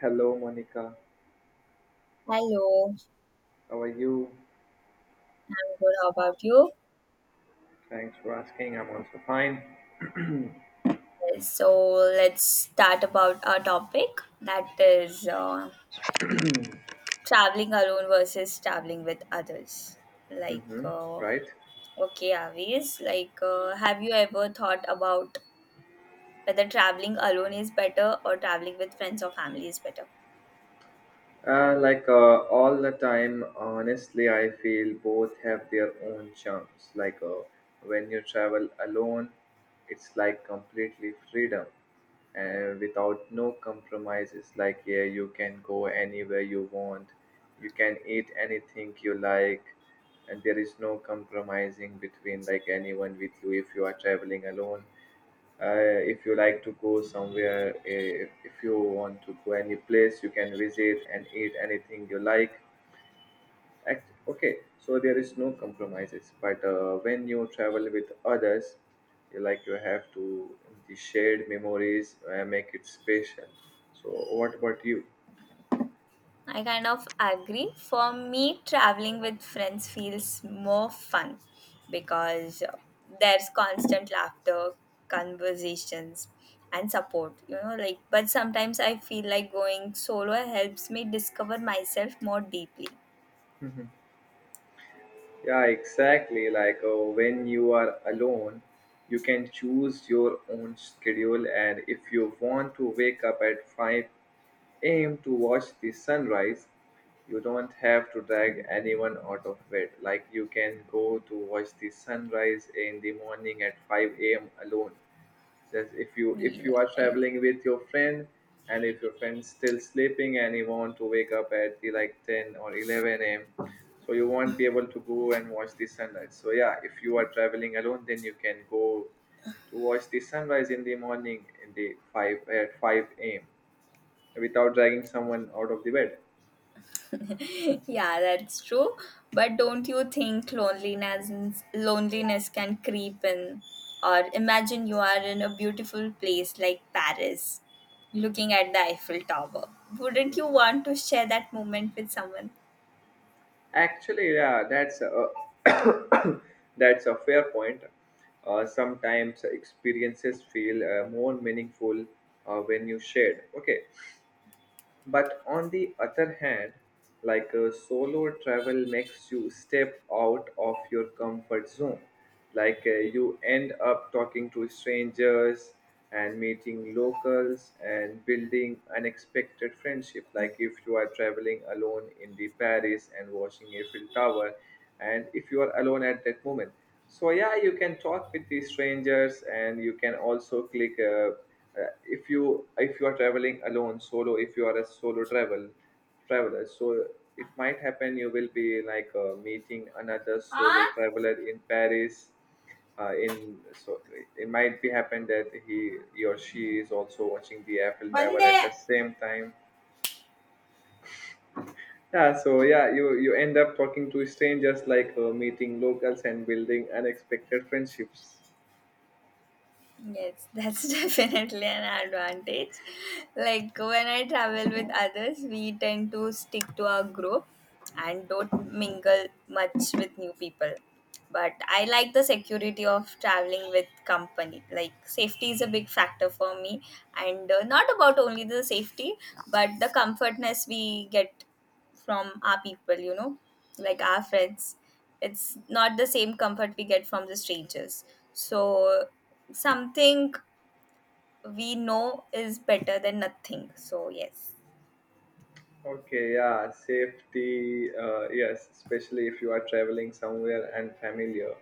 Hello, Monica. Hello, How are you? I'm good. How about you? Thanks for asking. I'm also fine. Yes, so let's start about our topic that is traveling alone versus traveling with others. Like, hmm Right? okay, Avis, like, have you ever thought about whether traveling alone is better or traveling with friends or family is better? All the time, honestly, I feel both have their own charms. When you travel alone, it's like completely freedom and without no compromises. Like, yeah, you can go anywhere you want, you can eat anything you like, and there is no compromising between like anyone with you if you are traveling alone. If you like to go somewhere, if you want to go any place, you can visit and eat anything you like. Okay, so there is no compromises, but when you travel with others, you like you have to, the shared memories make it special. So what about you? I kind of agree. For me, traveling with friends feels more fun because there's constant laughter, conversations, and support. You know, like, but sometimes I feel like going solo helps me discover myself more deeply. Mhm. Yeah, exactly. When you are alone, you can choose your own schedule, and if you want to wake up at 5 aim to watch the sunrise. You don't have to drag anyone out of bed. Like you can go to watch the sunrise in the morning at 5 a.m. alone. That's if you if Yeah. you are traveling with your friend, and if your friend's still sleeping and you want to wake up at the like 10 or 11 a.m., so you won't be able to go and watch the sunrise. So yeah, if you are traveling alone, then you can go to watch the sunrise in the morning in the 5 at 5 a.m without dragging someone out of the bed. Yeah, that's true. But don't you think loneliness can creep in? Or imagine you are in a beautiful place like Paris, looking at the Eiffel Tower. Wouldn't you want to share that moment with someone? Actually, yeah, that's a that's a fair point. Sometimes experiences feel more meaningful when you shared. Okay, but on the other hand, like a solo travel makes you step out of your comfort zone. You end up talking to strangers and meeting locals and building unexpected friendship. Like if you are traveling alone in the Paris and watching Eiffel Tower, and if you are alone at that moment. So yeah, you can talk with the strangers and you can also click. If you are traveling alone solo, if you are a solo traveler, so it might happen you will be like meeting another solo हाँ traveler in Paris, in so it might be happen that he or she is also watching the Eiffel Tower बंदे at the same time. Yeah, so yeah, you end up talking to strangers, like meeting locals and building unexpected friendships. Yes, that's definitely an advantage. Like when I travel with others, we tend to stick to our group and don't mingle much with new people. But I like the security of traveling with company. Like, safety is a big factor for me, and not about only the safety, but the comfortness we get from our people, you know, like our friends. It's not the same comfort we get from the strangers. So, something we know is better than nothing. So, yes. Okay, yeah, safety, yes, especially if you are traveling somewhere and familiar.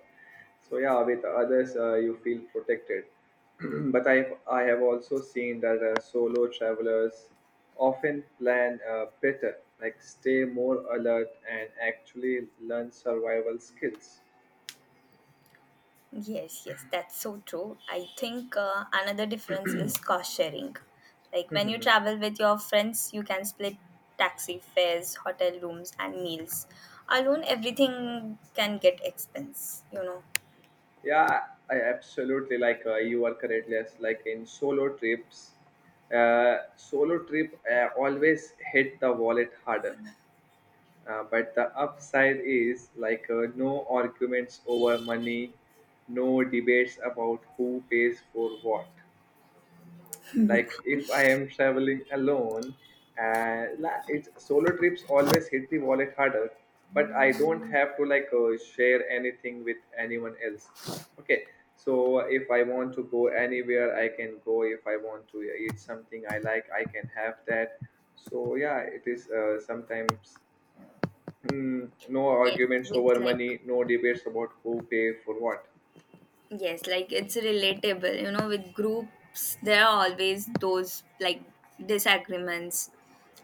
So yeah, with others, you feel protected. But I have also seen that solo travelers often plan better, like stay more alert and actually learn survival skills. Yes, yes, that's so true. I think another difference is cost sharing. Like when you travel with your friends, you can split taxi fares, hotel rooms, and meals. Alone, everything can get expense, you know. Yeah, I absolutely like you are correctly as like in solo trips. Solo trip always hit the wallet harder. But the upside is like no arguments over money, no debates about who pays for what. Like if I am traveling alone, it's solo trips always hit the wallet harder. But I don't have to like share anything with anyone else. Okay, so if I want to go anywhere, I can go. If I want to eat something I like, I can have that. So yeah, it is sometimes, no Yes, arguments with over like money, no debates about who pay for what. yes, like it's relatable. You know, with groups, there are always those like disagreements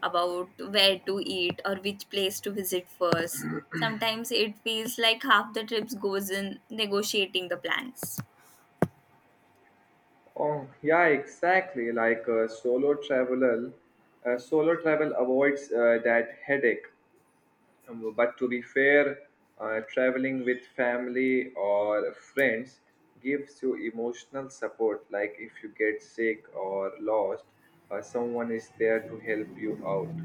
about where to eat or which place to visit first. Sometimes it feels like half the trips goes in negotiating the plans. Oh, yeah, exactly. Solo traveler, solo travel avoids that headache. But to be fair, traveling with family or friends gives you emotional support. Like if you get sick or lost, someone is there to help you out.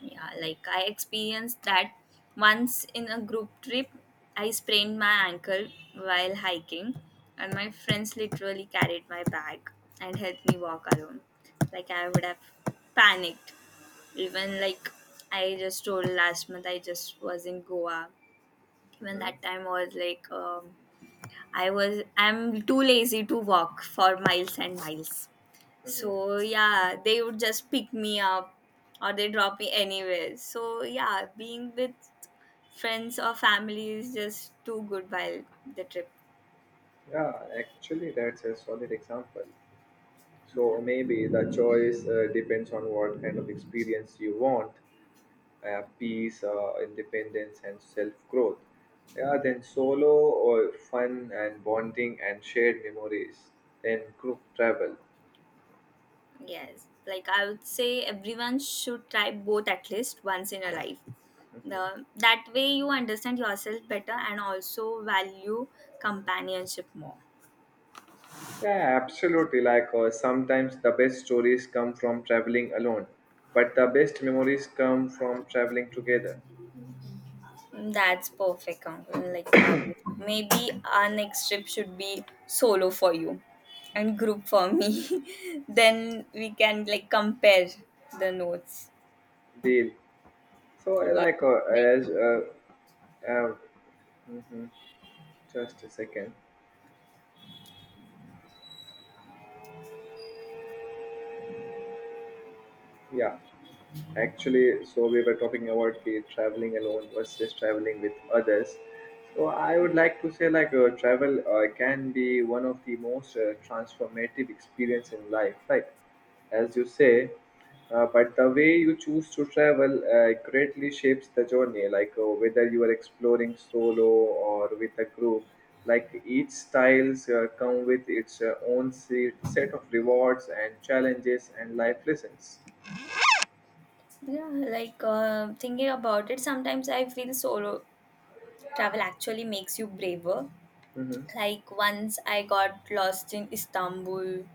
Yeah, like I experienced that once in a group trip. I sprained my ankle while hiking, and my friends literally carried my bag and helped me walk alone. Like I would have panicked, even like, I just told, last month I just was in Goa. Even hmm that time I was like, I'm too lazy to walk for miles and miles, hmm so yeah, they would just pick me up or they drop me anywhere. So yeah, being with friends or family is just too good while the trip. Yeah, actually, that's a solid example. Yeah. So maybe the choice depends on what kind of experience you want, peace, independence, and self growth. Yeah, then solo, or fun and bonding and shared memories. Then group travel. Yes, like I would say everyone should try both at least once in a life. The, that way you understand yourself better and also value companionship more. Yeah, absolutely. Sometimes the best stories come from traveling alone, but the best memories come from traveling together. That's perfect, Ankur. Like, maybe our next trip should be solo for you and group for me. Then we can like compare the notes. Deal. So, uh, Yeah. like, uh, Like, as uh, uh, mhm, just a second. Yeah. Actually, so we were talking about the traveling alone versus traveling with others. So I would like to say, like, travel can be one of the most transformative experience in life, right? As you say, but the way you choose to travel greatly shapes the journey. Whether you are exploring solo or with a group, like each styles come with its set of rewards and challenges and life lessons. yeah, like, thinking about it, sometimes I feel solo travel actually makes you braver. Mhm. Like once I got lost in Istanbul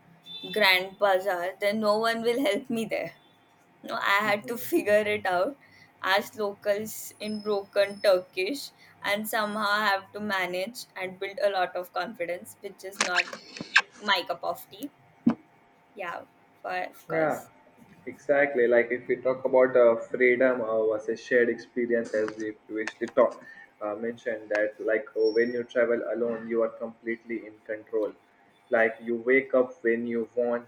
Grand Bazaar, then no one will help me there. No, I had to figure it out, ask locals in broken Turkish, and somehow I have to manage and build a lot of confidence, which is not my cup of tea. Yeah, for of Yeah, course. exactly. Like if we talk about freedom versus shared experience, as we previously talked, mentioned that like when you travel alone, you are completely in control. Like you wake up when you want,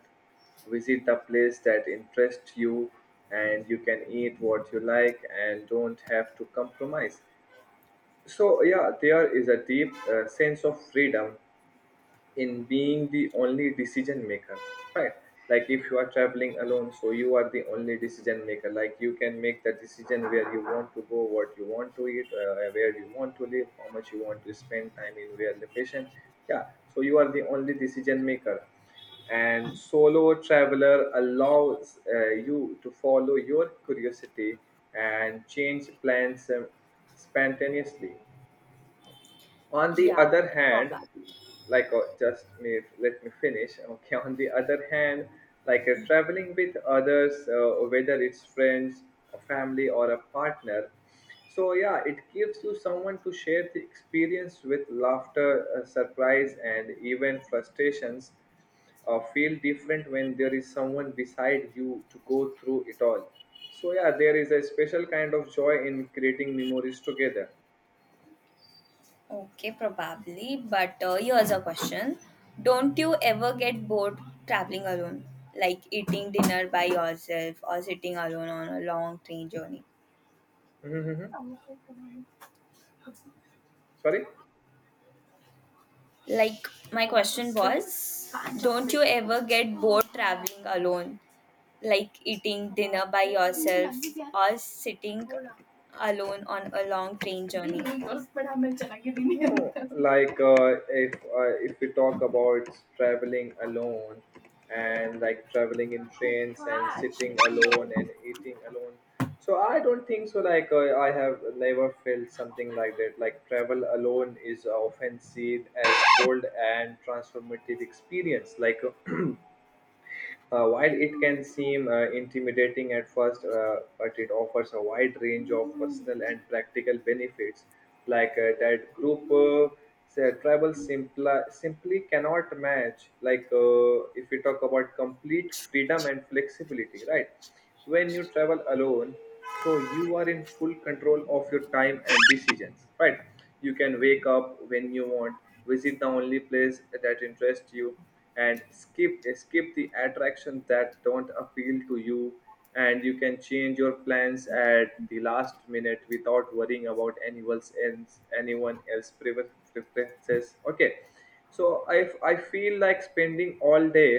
visit the place that interests you, and you can eat what you like and don't have to compromise. So yeah, there is a deep sense of freedom in being the only decision maker, right? Like if you are traveling alone, so you are the only decision maker. Like you can make the decision where you want to go, what you want to eat, where you want to live, how much you want to spend time in, where location. Yeah, so you are the only decision maker, and solo traveler allows you to follow your curiosity and change plans spontaneously. On the Yeah, other pop hand, up. Just me, let me finish, okay? On the other hand, traveling with others, whether it's friends, a family, or a partner, so yeah, it gives you someone to share the experience with, laughter, surprise, and even frustrations feel different when there is someone beside you to go through it all. So yeah, there is a special kind of joy in creating memories together. Okay, probably. But here's a question. Don't you ever get bored traveling alone? Like eating dinner by yourself or sitting alone on a long train journey? hmm Sorry. Like, my question was, don't you ever get bored traveling alone? Like eating dinner by yourself or sitting alone on a long train journey? No, like if we talk about traveling alone and like traveling in trains and sitting alone and eating alone, so I don't think so. Like I have never felt something like that. Like travel alone is often seen as bold and transformative experience. While it can seem intimidating at first, but it offers a wide range of personal and practical benefits, like that group say, travel simply cannot match. Like if we talk about complete freedom and flexibility, right? When you travel alone, so you are in full control of your time and decisions, right? You can wake up when you want, visit the only place that interests you, and skip the attractions that don't appeal to you, and you can change your plans at the last minute without worrying about anyone else preferences. Okay, so I feel like spending all day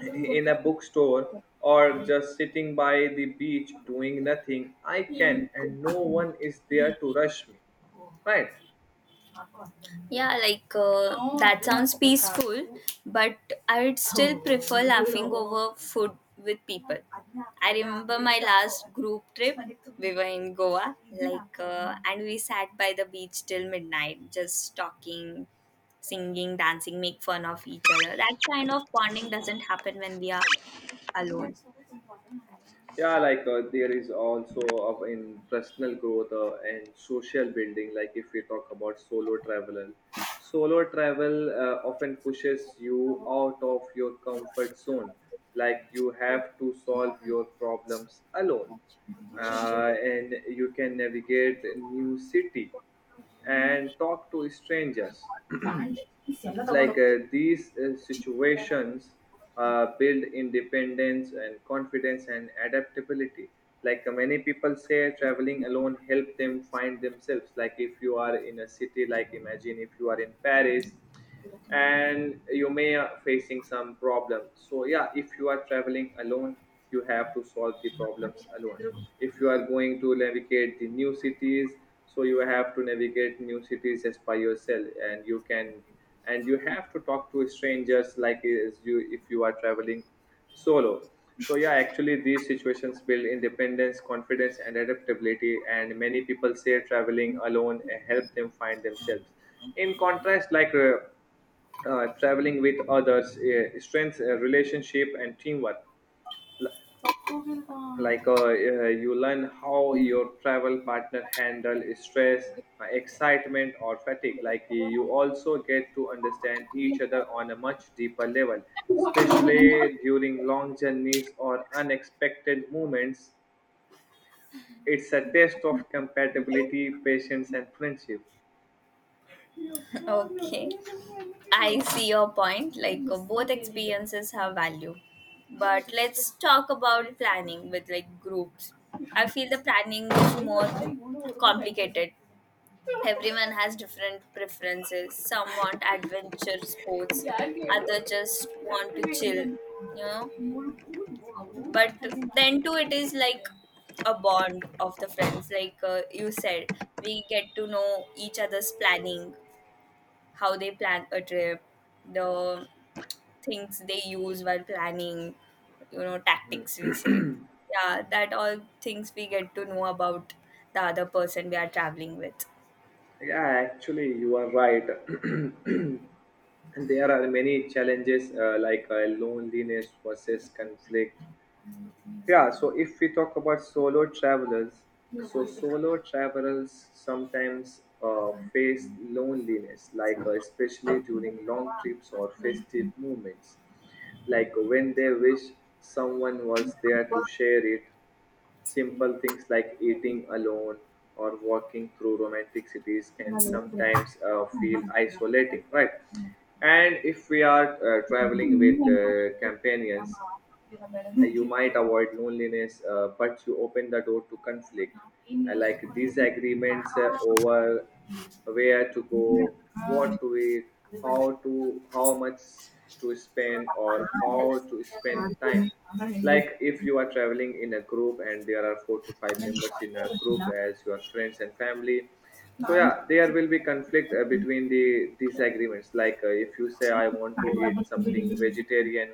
in a bookstore or just sitting by the beach doing nothing I can, and no one is there to rush me, right? Yeah, like, that sounds peaceful, but I would still prefer laughing over food with people. I remember my last group trip. We were in Goa, like, and we sat by the beach till midnight, just talking, singing, dancing, make fun of each other. That kind of bonding doesn't happen when we are alone. Yeah, like there is also of in personal growth and social building. Like if we talk about solo travel, solo travel often pushes you out of your comfort zone. Like you have to solve your problems alone, and you can navigate a new city and talk to strangers. Like these situations build independence and confidence and adaptability. Like many people say traveling alone help them find themselves. Like if you are in a city, like imagine if you are in Paris, and you may are facing some problem, so yeah, if you are traveling alone, you have to solve the problems alone. If you are going to navigate the new cities, so you have to navigate new cities just by yourself, and you can, and you have to talk to strangers, like as you, if you are traveling solo, so yeah, actually these situations build independence, confidence, and adaptability, and many people say traveling alone help them find themselves. In contrast, traveling with others strengthens relationship and teamwork. Like you learn how your travel partner handle stress, excitement, or fatigue. Like you also get to understand each other on a much deeper level, especially during long journeys or unexpected moments. It's a test of compatibility, patience, and friendship. Okay. I see your point. Like, both experiences have value, but let's talk about planning with like groups. I feel the planning is more complicated. Everyone has different preferences. Some want adventure sports, other just want to chill. You know, but then too it is like a bond of the friends, like, you said we get to know each other's planning, how they plan a trip, the things they use while planning, you know, tactics we say. Yeah, that all things we get to know about the other person we are traveling with. Yeah, actually, you are right. And there are many challenges, like loneliness versus conflict. Yeah, so if we talk about solo travelers, so solo travelers sometimes face loneliness, like especially during long trips or festive moments, like when they wish someone was there to share it. Simple things like eating alone or walking through romantic cities can sometimes feel isolating, right? And if we are traveling with companions, you might avoid loneliness, but you open the door to conflict, like disagreements over where to go, what to eat, how much to spend, or how to spend time. Like if you are traveling in a group and there are four to five members in a group as your friends and family, so yeah, there will be conflict between the disagreements, like if you say I want to eat something vegetarian,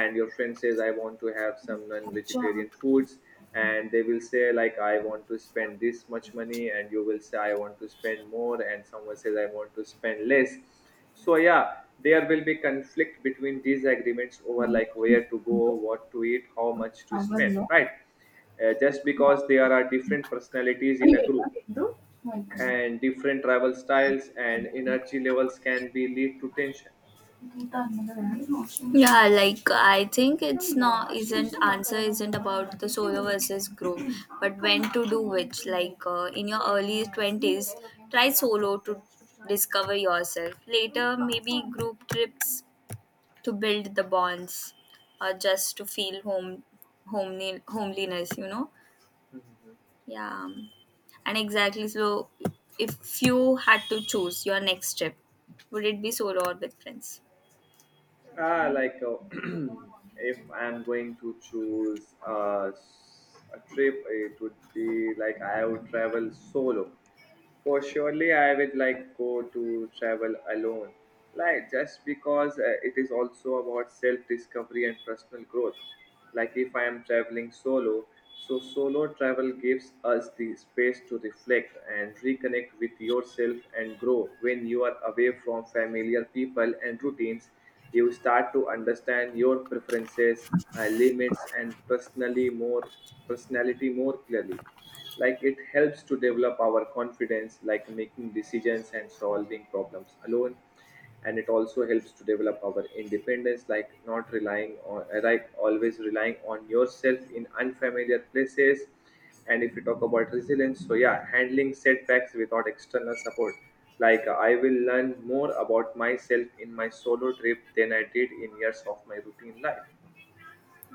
and your friend says I want to have some non-vegetarian foods, and they will say like I want to spend this much money, and you will say I want to spend more, and someone says I want to spend less. So yeah, there will be conflict between disagreements over like where to go, what to eat, how much to spend, right? Just because there are different personalities in a group and different travel styles and energy levels can be lead to tension. Yeah, like I think it's not isn't answer isn't about the solo versus group, but when to do which. Like, in your early twenties, try solo to discover yourself. Later, maybe group trips to build the bonds or just to feel home, homely, homeliness, you know. Mhm. Yeah, and exactly, so if you had to choose your next trip, would it be solo or with friends? Ah, like if I'm going to choose a trip, it would be like I would travel solo. For surely, I would like go to travel alone, like just because it is also about self-discovery and personal growth. Like if I am traveling solo, so solo travel gives us the space to reflect and reconnect with yourself and grow. When you are away from familiar people and routines, you start to understand your preferences, limits, and personally more personality more clearly. Like it helps to develop our confidence, like making decisions and solving problems alone. And it also helps to develop our independence, like not relying on always relying on yourself in unfamiliar places. And if you talk about resilience, so yeah, handling setbacks without external support. Like I will learn more about myself in my solo trip than I did in years of my routine life.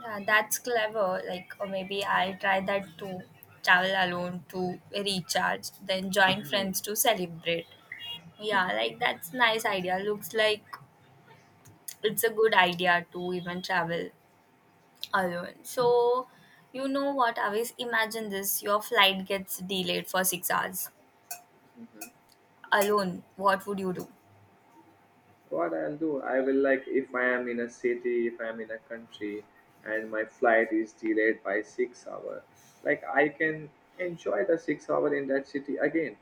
Yeah, that's clever, like, or maybe I'll try that too. Travel alone to recharge, then join friends to celebrate. Yeah, Mhm. like that's nice idea, looks like it's a good idea to even travel alone. So, you know what, Avis? Imagine this, your flight gets delayed for 6 hours alone. What would you do? What I'll do, I will like if I am in a city, if I am in a country, and my flight is delayed by 6 hour, like I can enjoy the 6 hour in that city again.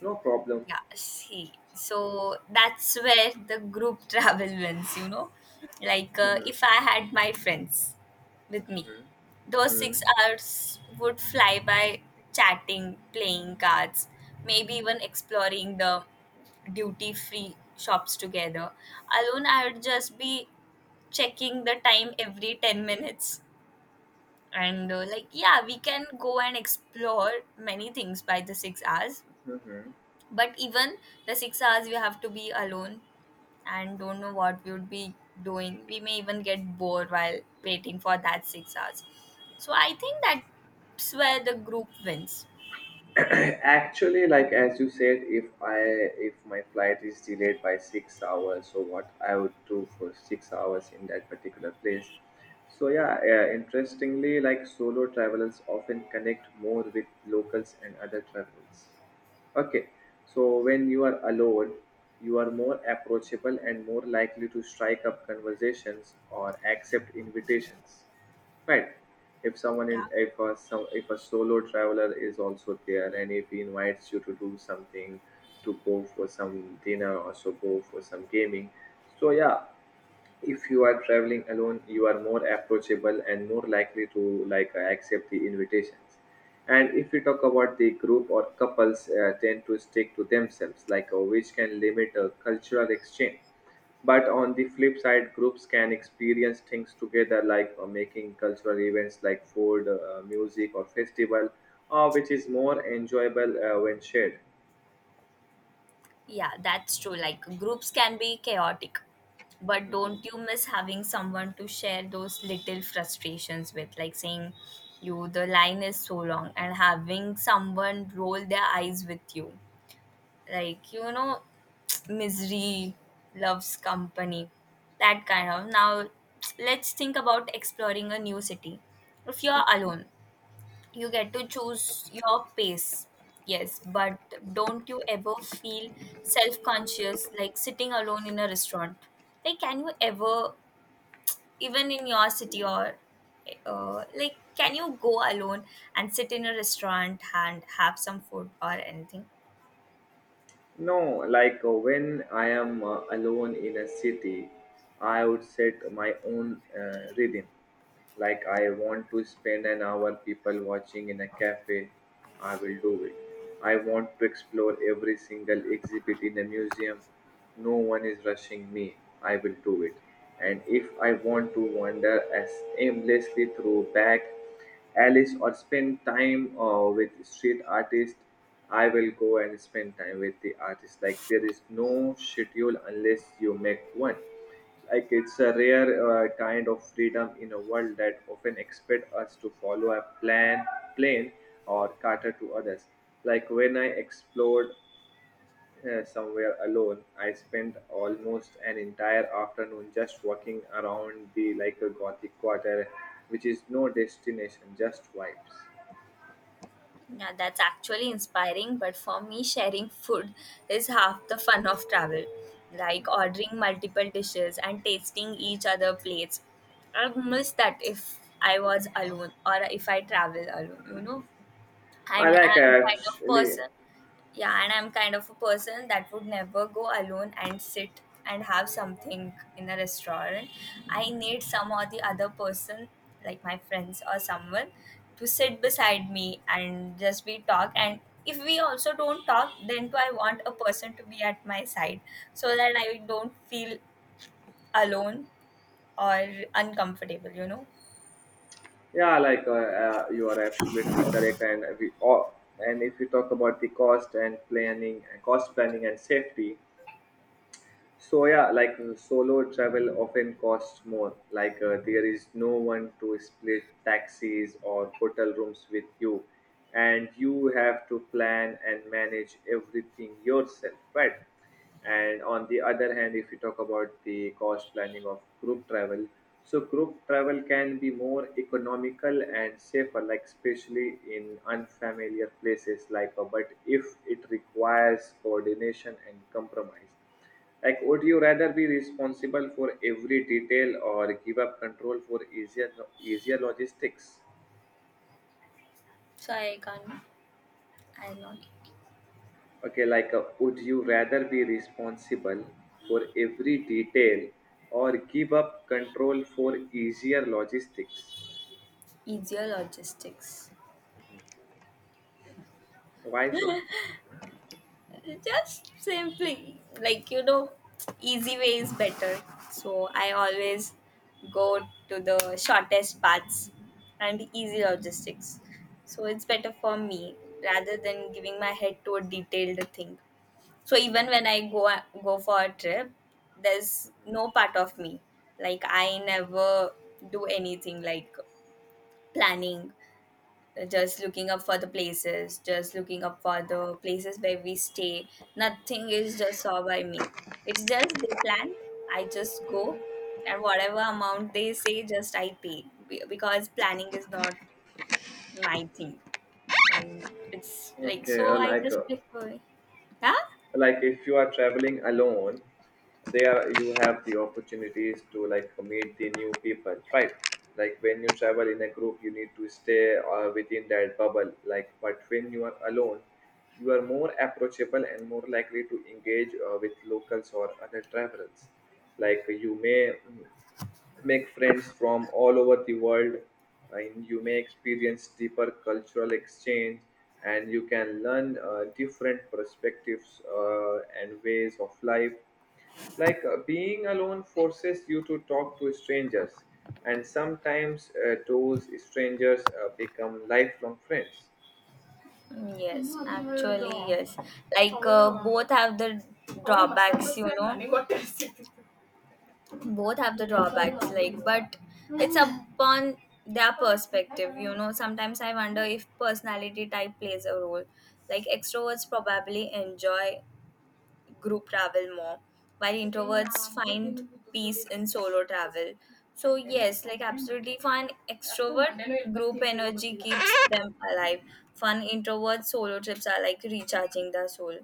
No problem. Yeah, see. So, that's where the group travel wins, you know? Like, Mhm, if I had my friends with me, mhm, those mhm, 6 hours would fly by chatting, playing cards, maybe even exploring the duty free shops together. Alone, I would just be checking the time every 10 minutes, and like, yeah, we can go and explore many things by the 6 hours. mhm. But even the 6 hours we have to be alone and don't know what we would be doing. We may even get bored while waiting for that 6 hours. So I think that's where the group wins. Actually, like as you said, if I if my flight is delayed by 6 hours, so what I would do for 6 hours in that particular place. So yeah, interestingly, like solo travelers often connect more with locals and other travelers. Okay, so when you are alone, you are more approachable and more likely to strike up conversations or accept invitations. Right. If someone Yeah. in if a some if a solo traveler is also there and if he invites you to do something, to go for some dinner or so go for some gaming. So yeah, if you are traveling alone, you are more approachable and more likely to accept the invitations. And if we talk about the group, or couples tend to stick to themselves, like which can limit a cultural exchange. But on the flip side, groups can experience things together, like making cultural events like food, music, or festival, which is more enjoyable when shared. Yeah, that's true. Like groups can be chaotic, but don't you miss having someone to share those little frustrations with? Like saying, you, the line is so long, and having someone roll their eyes with you. Like, you know, misery loves company. That kind of. Now, let's think about exploring a new city. If you're alone, you get to choose your pace, yes, but don't you ever feel self-conscious, like sitting alone in a restaurant? Like, can you ever, even in your city, or like, can you go alone and sit in a restaurant and have some food or anything? No, like when I am alone in a city, I would set my own rhythm. Like I want to spend an hour people watching in a cafe, I will do it. I want to explore every single exhibit in a museum. No one is rushing me. I will do it. And if I want to wander as aimlessly through back Alice or spend time with street artist. I will go and spend time with the artist. Like there is no schedule unless you make one. Like it's a rare kind of freedom in a world that often expect us to follow a plan or cater to others. Like when I explored somewhere alone. I spent almost an entire afternoon just walking around the like a gothic quarter, which is no destination, just vibes. Yeah, that's actually inspiring, but for me, sharing food is half the fun of travel. Like ordering multiple dishes and tasting each other plates. I miss that if I was alone or if I travel alone, you know? I And like I'm kind of actually, person. Yeah, and I'm kind of a person that would never go alone and sit and have something in a restaurant. I need some or the other person, like my friends or someone, to sit beside me and just we talk. And if we also don't talk, then too I want a person to be at my side so that I don't feel alone or uncomfortable, you know? yeah, like you are absolutely correct. And we all, and if you talk about the cost and planning, cost planning and safety. So yeah, like solo travel often costs more. Like there is no one to split taxis or hotel rooms with you, and you have to plan and manage everything yourself, right? And on the other hand, if you talk about the cost planning of group travel, so group travel can be more economical and safer, like especially in unfamiliar places. Like, but if it requires coordination and compromise, like, would you rather be responsible for every detail or give up control for easier logistics? So I can't, I'm not, Okay, like, would you rather be responsible for every detail or give up control for easier logistics? easier logistics. Why so? Just simply, like, you know, easy way is better. So I always go to the shortest paths and easy logistics. So it's better for me rather than giving my head to a detailed thing. So even when I go for a trip, there's no part of me, like I never do anything like planning, just looking up for the places, just looking up for the places where we stay. Nothing is just saw by me. It's just they plan, I just go, and whatever amount they say, just I pay. Because planning is not my thing. And it's like, Okay, so I just prefer. Huh? like if you are traveling alone, there you have the opportunities to like meet the new people, right? Like when you travel in a group, you need to stay within that bubble, like but when you are alone, you are more approachable and more likely to engage with locals or other travelers. Like you may make friends from all over the world, and you may experience deeper cultural exchange, and you can learn different perspectives and ways of life. Like being alone forces you to talk to strangers, and sometimes those strangers become lifelong friends. Mm, yes, actually, yes. Like, both have the drawbacks, you know. Both have the drawbacks, like, but it's upon their perspective, you know. Sometimes I wonder if personality type plays a role. Like extroverts probably enjoy group travel more, while introverts find peace in solo travel. So, yes, like absolutely, fun extrovert group energy keeps them alive. Fun introvert solo trips are like recharging the soul.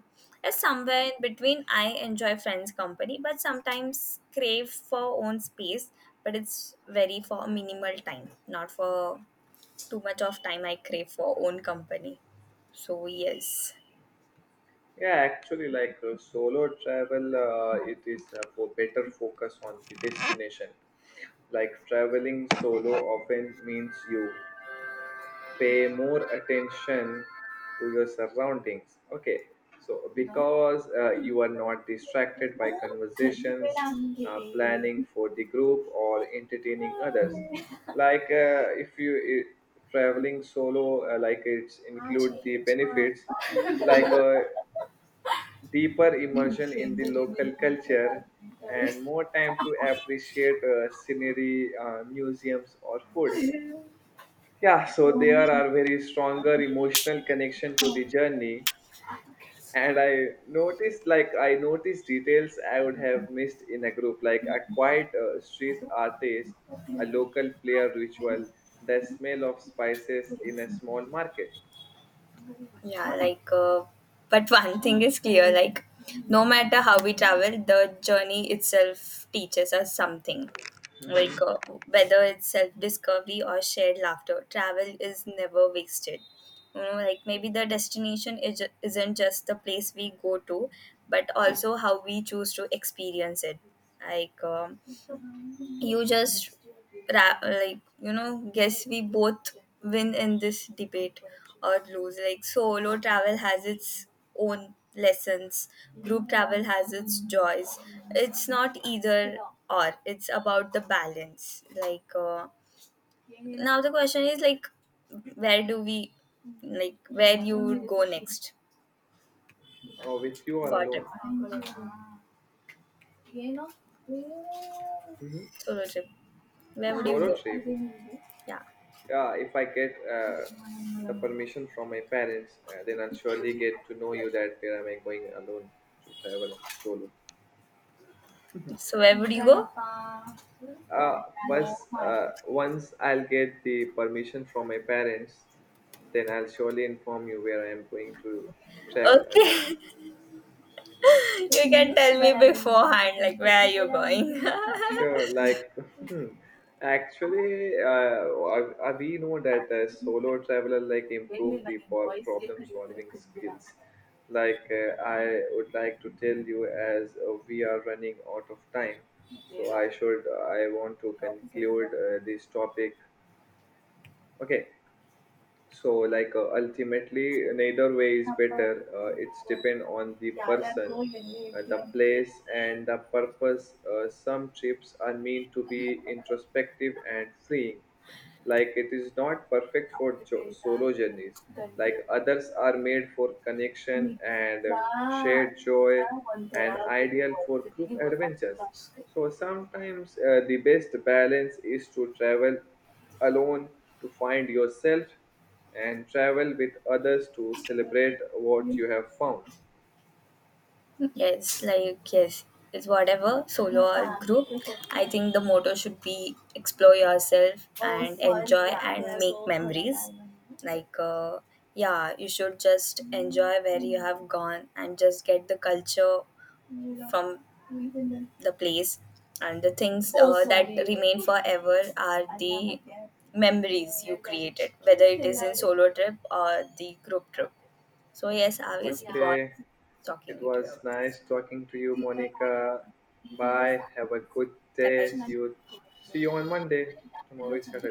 As somewhere in between, I enjoy friends' company, but sometimes crave for own space. But it's very for minimal time, not for too much of time I crave for own company. So yes. Yeah, actually, like solo travel, it is for better focus on the destination. Like traveling solo often means you pay more attention to your surroundings, okay, so because you are not distracted by conversations, planning for the group or entertaining others. Like if you I- traveling solo, like it's include the benefits like a deeper immersion in the local culture, and more time to appreciate scenery, museums, or food. Yeah, so there are very stronger emotional connection to the journey. And I noticed, like, I noticed details I would have missed in a group, like a quiet street artist, a local player ritual, the smell of spices in a small market, Yeah, like, but one thing is clear, like, no matter how we travel, the journey itself teaches us something. Like, whether it's self discovery or shared laughter, travel is never wasted. You know, like, maybe the destination is, isn't just the place we go to, but also how we choose to experience it. Like, you just like, you know, guess we both win in this debate or lose. Like solo travel has its own lessons, group travel has its joys. It's not either or, it's about the balance. Like, now the question is, like, where do we, like, where you would go next or with you or for a alone. trip, Hmm. solo trip? Where would you Solo trip. go? Yeah. Yeah, if I get the permission from my parents, then I'll surely get to know you that where am I going alone to travel solo. So where would you go? First, once I'll get the permission from my parents, then I'll surely inform you where I am going to travel alone. Okay, you can tell me beforehand, like where are you going? Sure, like actually, we know that a solo traveler like improve the problem solving skills. Like I would like to tell you, as we are running out of time, so I want to conclude this topic. Okay, so like ultimately neither way is better, it's depend on the person, the place, and the purpose. Some trips are meant to be introspective and freeing, like it is not perfect for solo journeys, like others are made for connection and shared joy, and ideal for group adventures. So sometimes the best balance is to travel alone to find yourself, and travel with others to celebrate what you have found. Yes, like, yes, it's whatever solo or group. I think the motto should be explore yourself and enjoy and make memories. Like, yeah, you should just enjoy where you have gone and just get the culture from the place and the things that remain forever are the memories you created, whether it is in solo trip or the group trip. So yes, Avis, it Okay, was talking it with you was about nice talking to you, Monica. Bye. Have a good day. See this. you. See you on Monday. Tomorrow is Saturday. Bye-bye.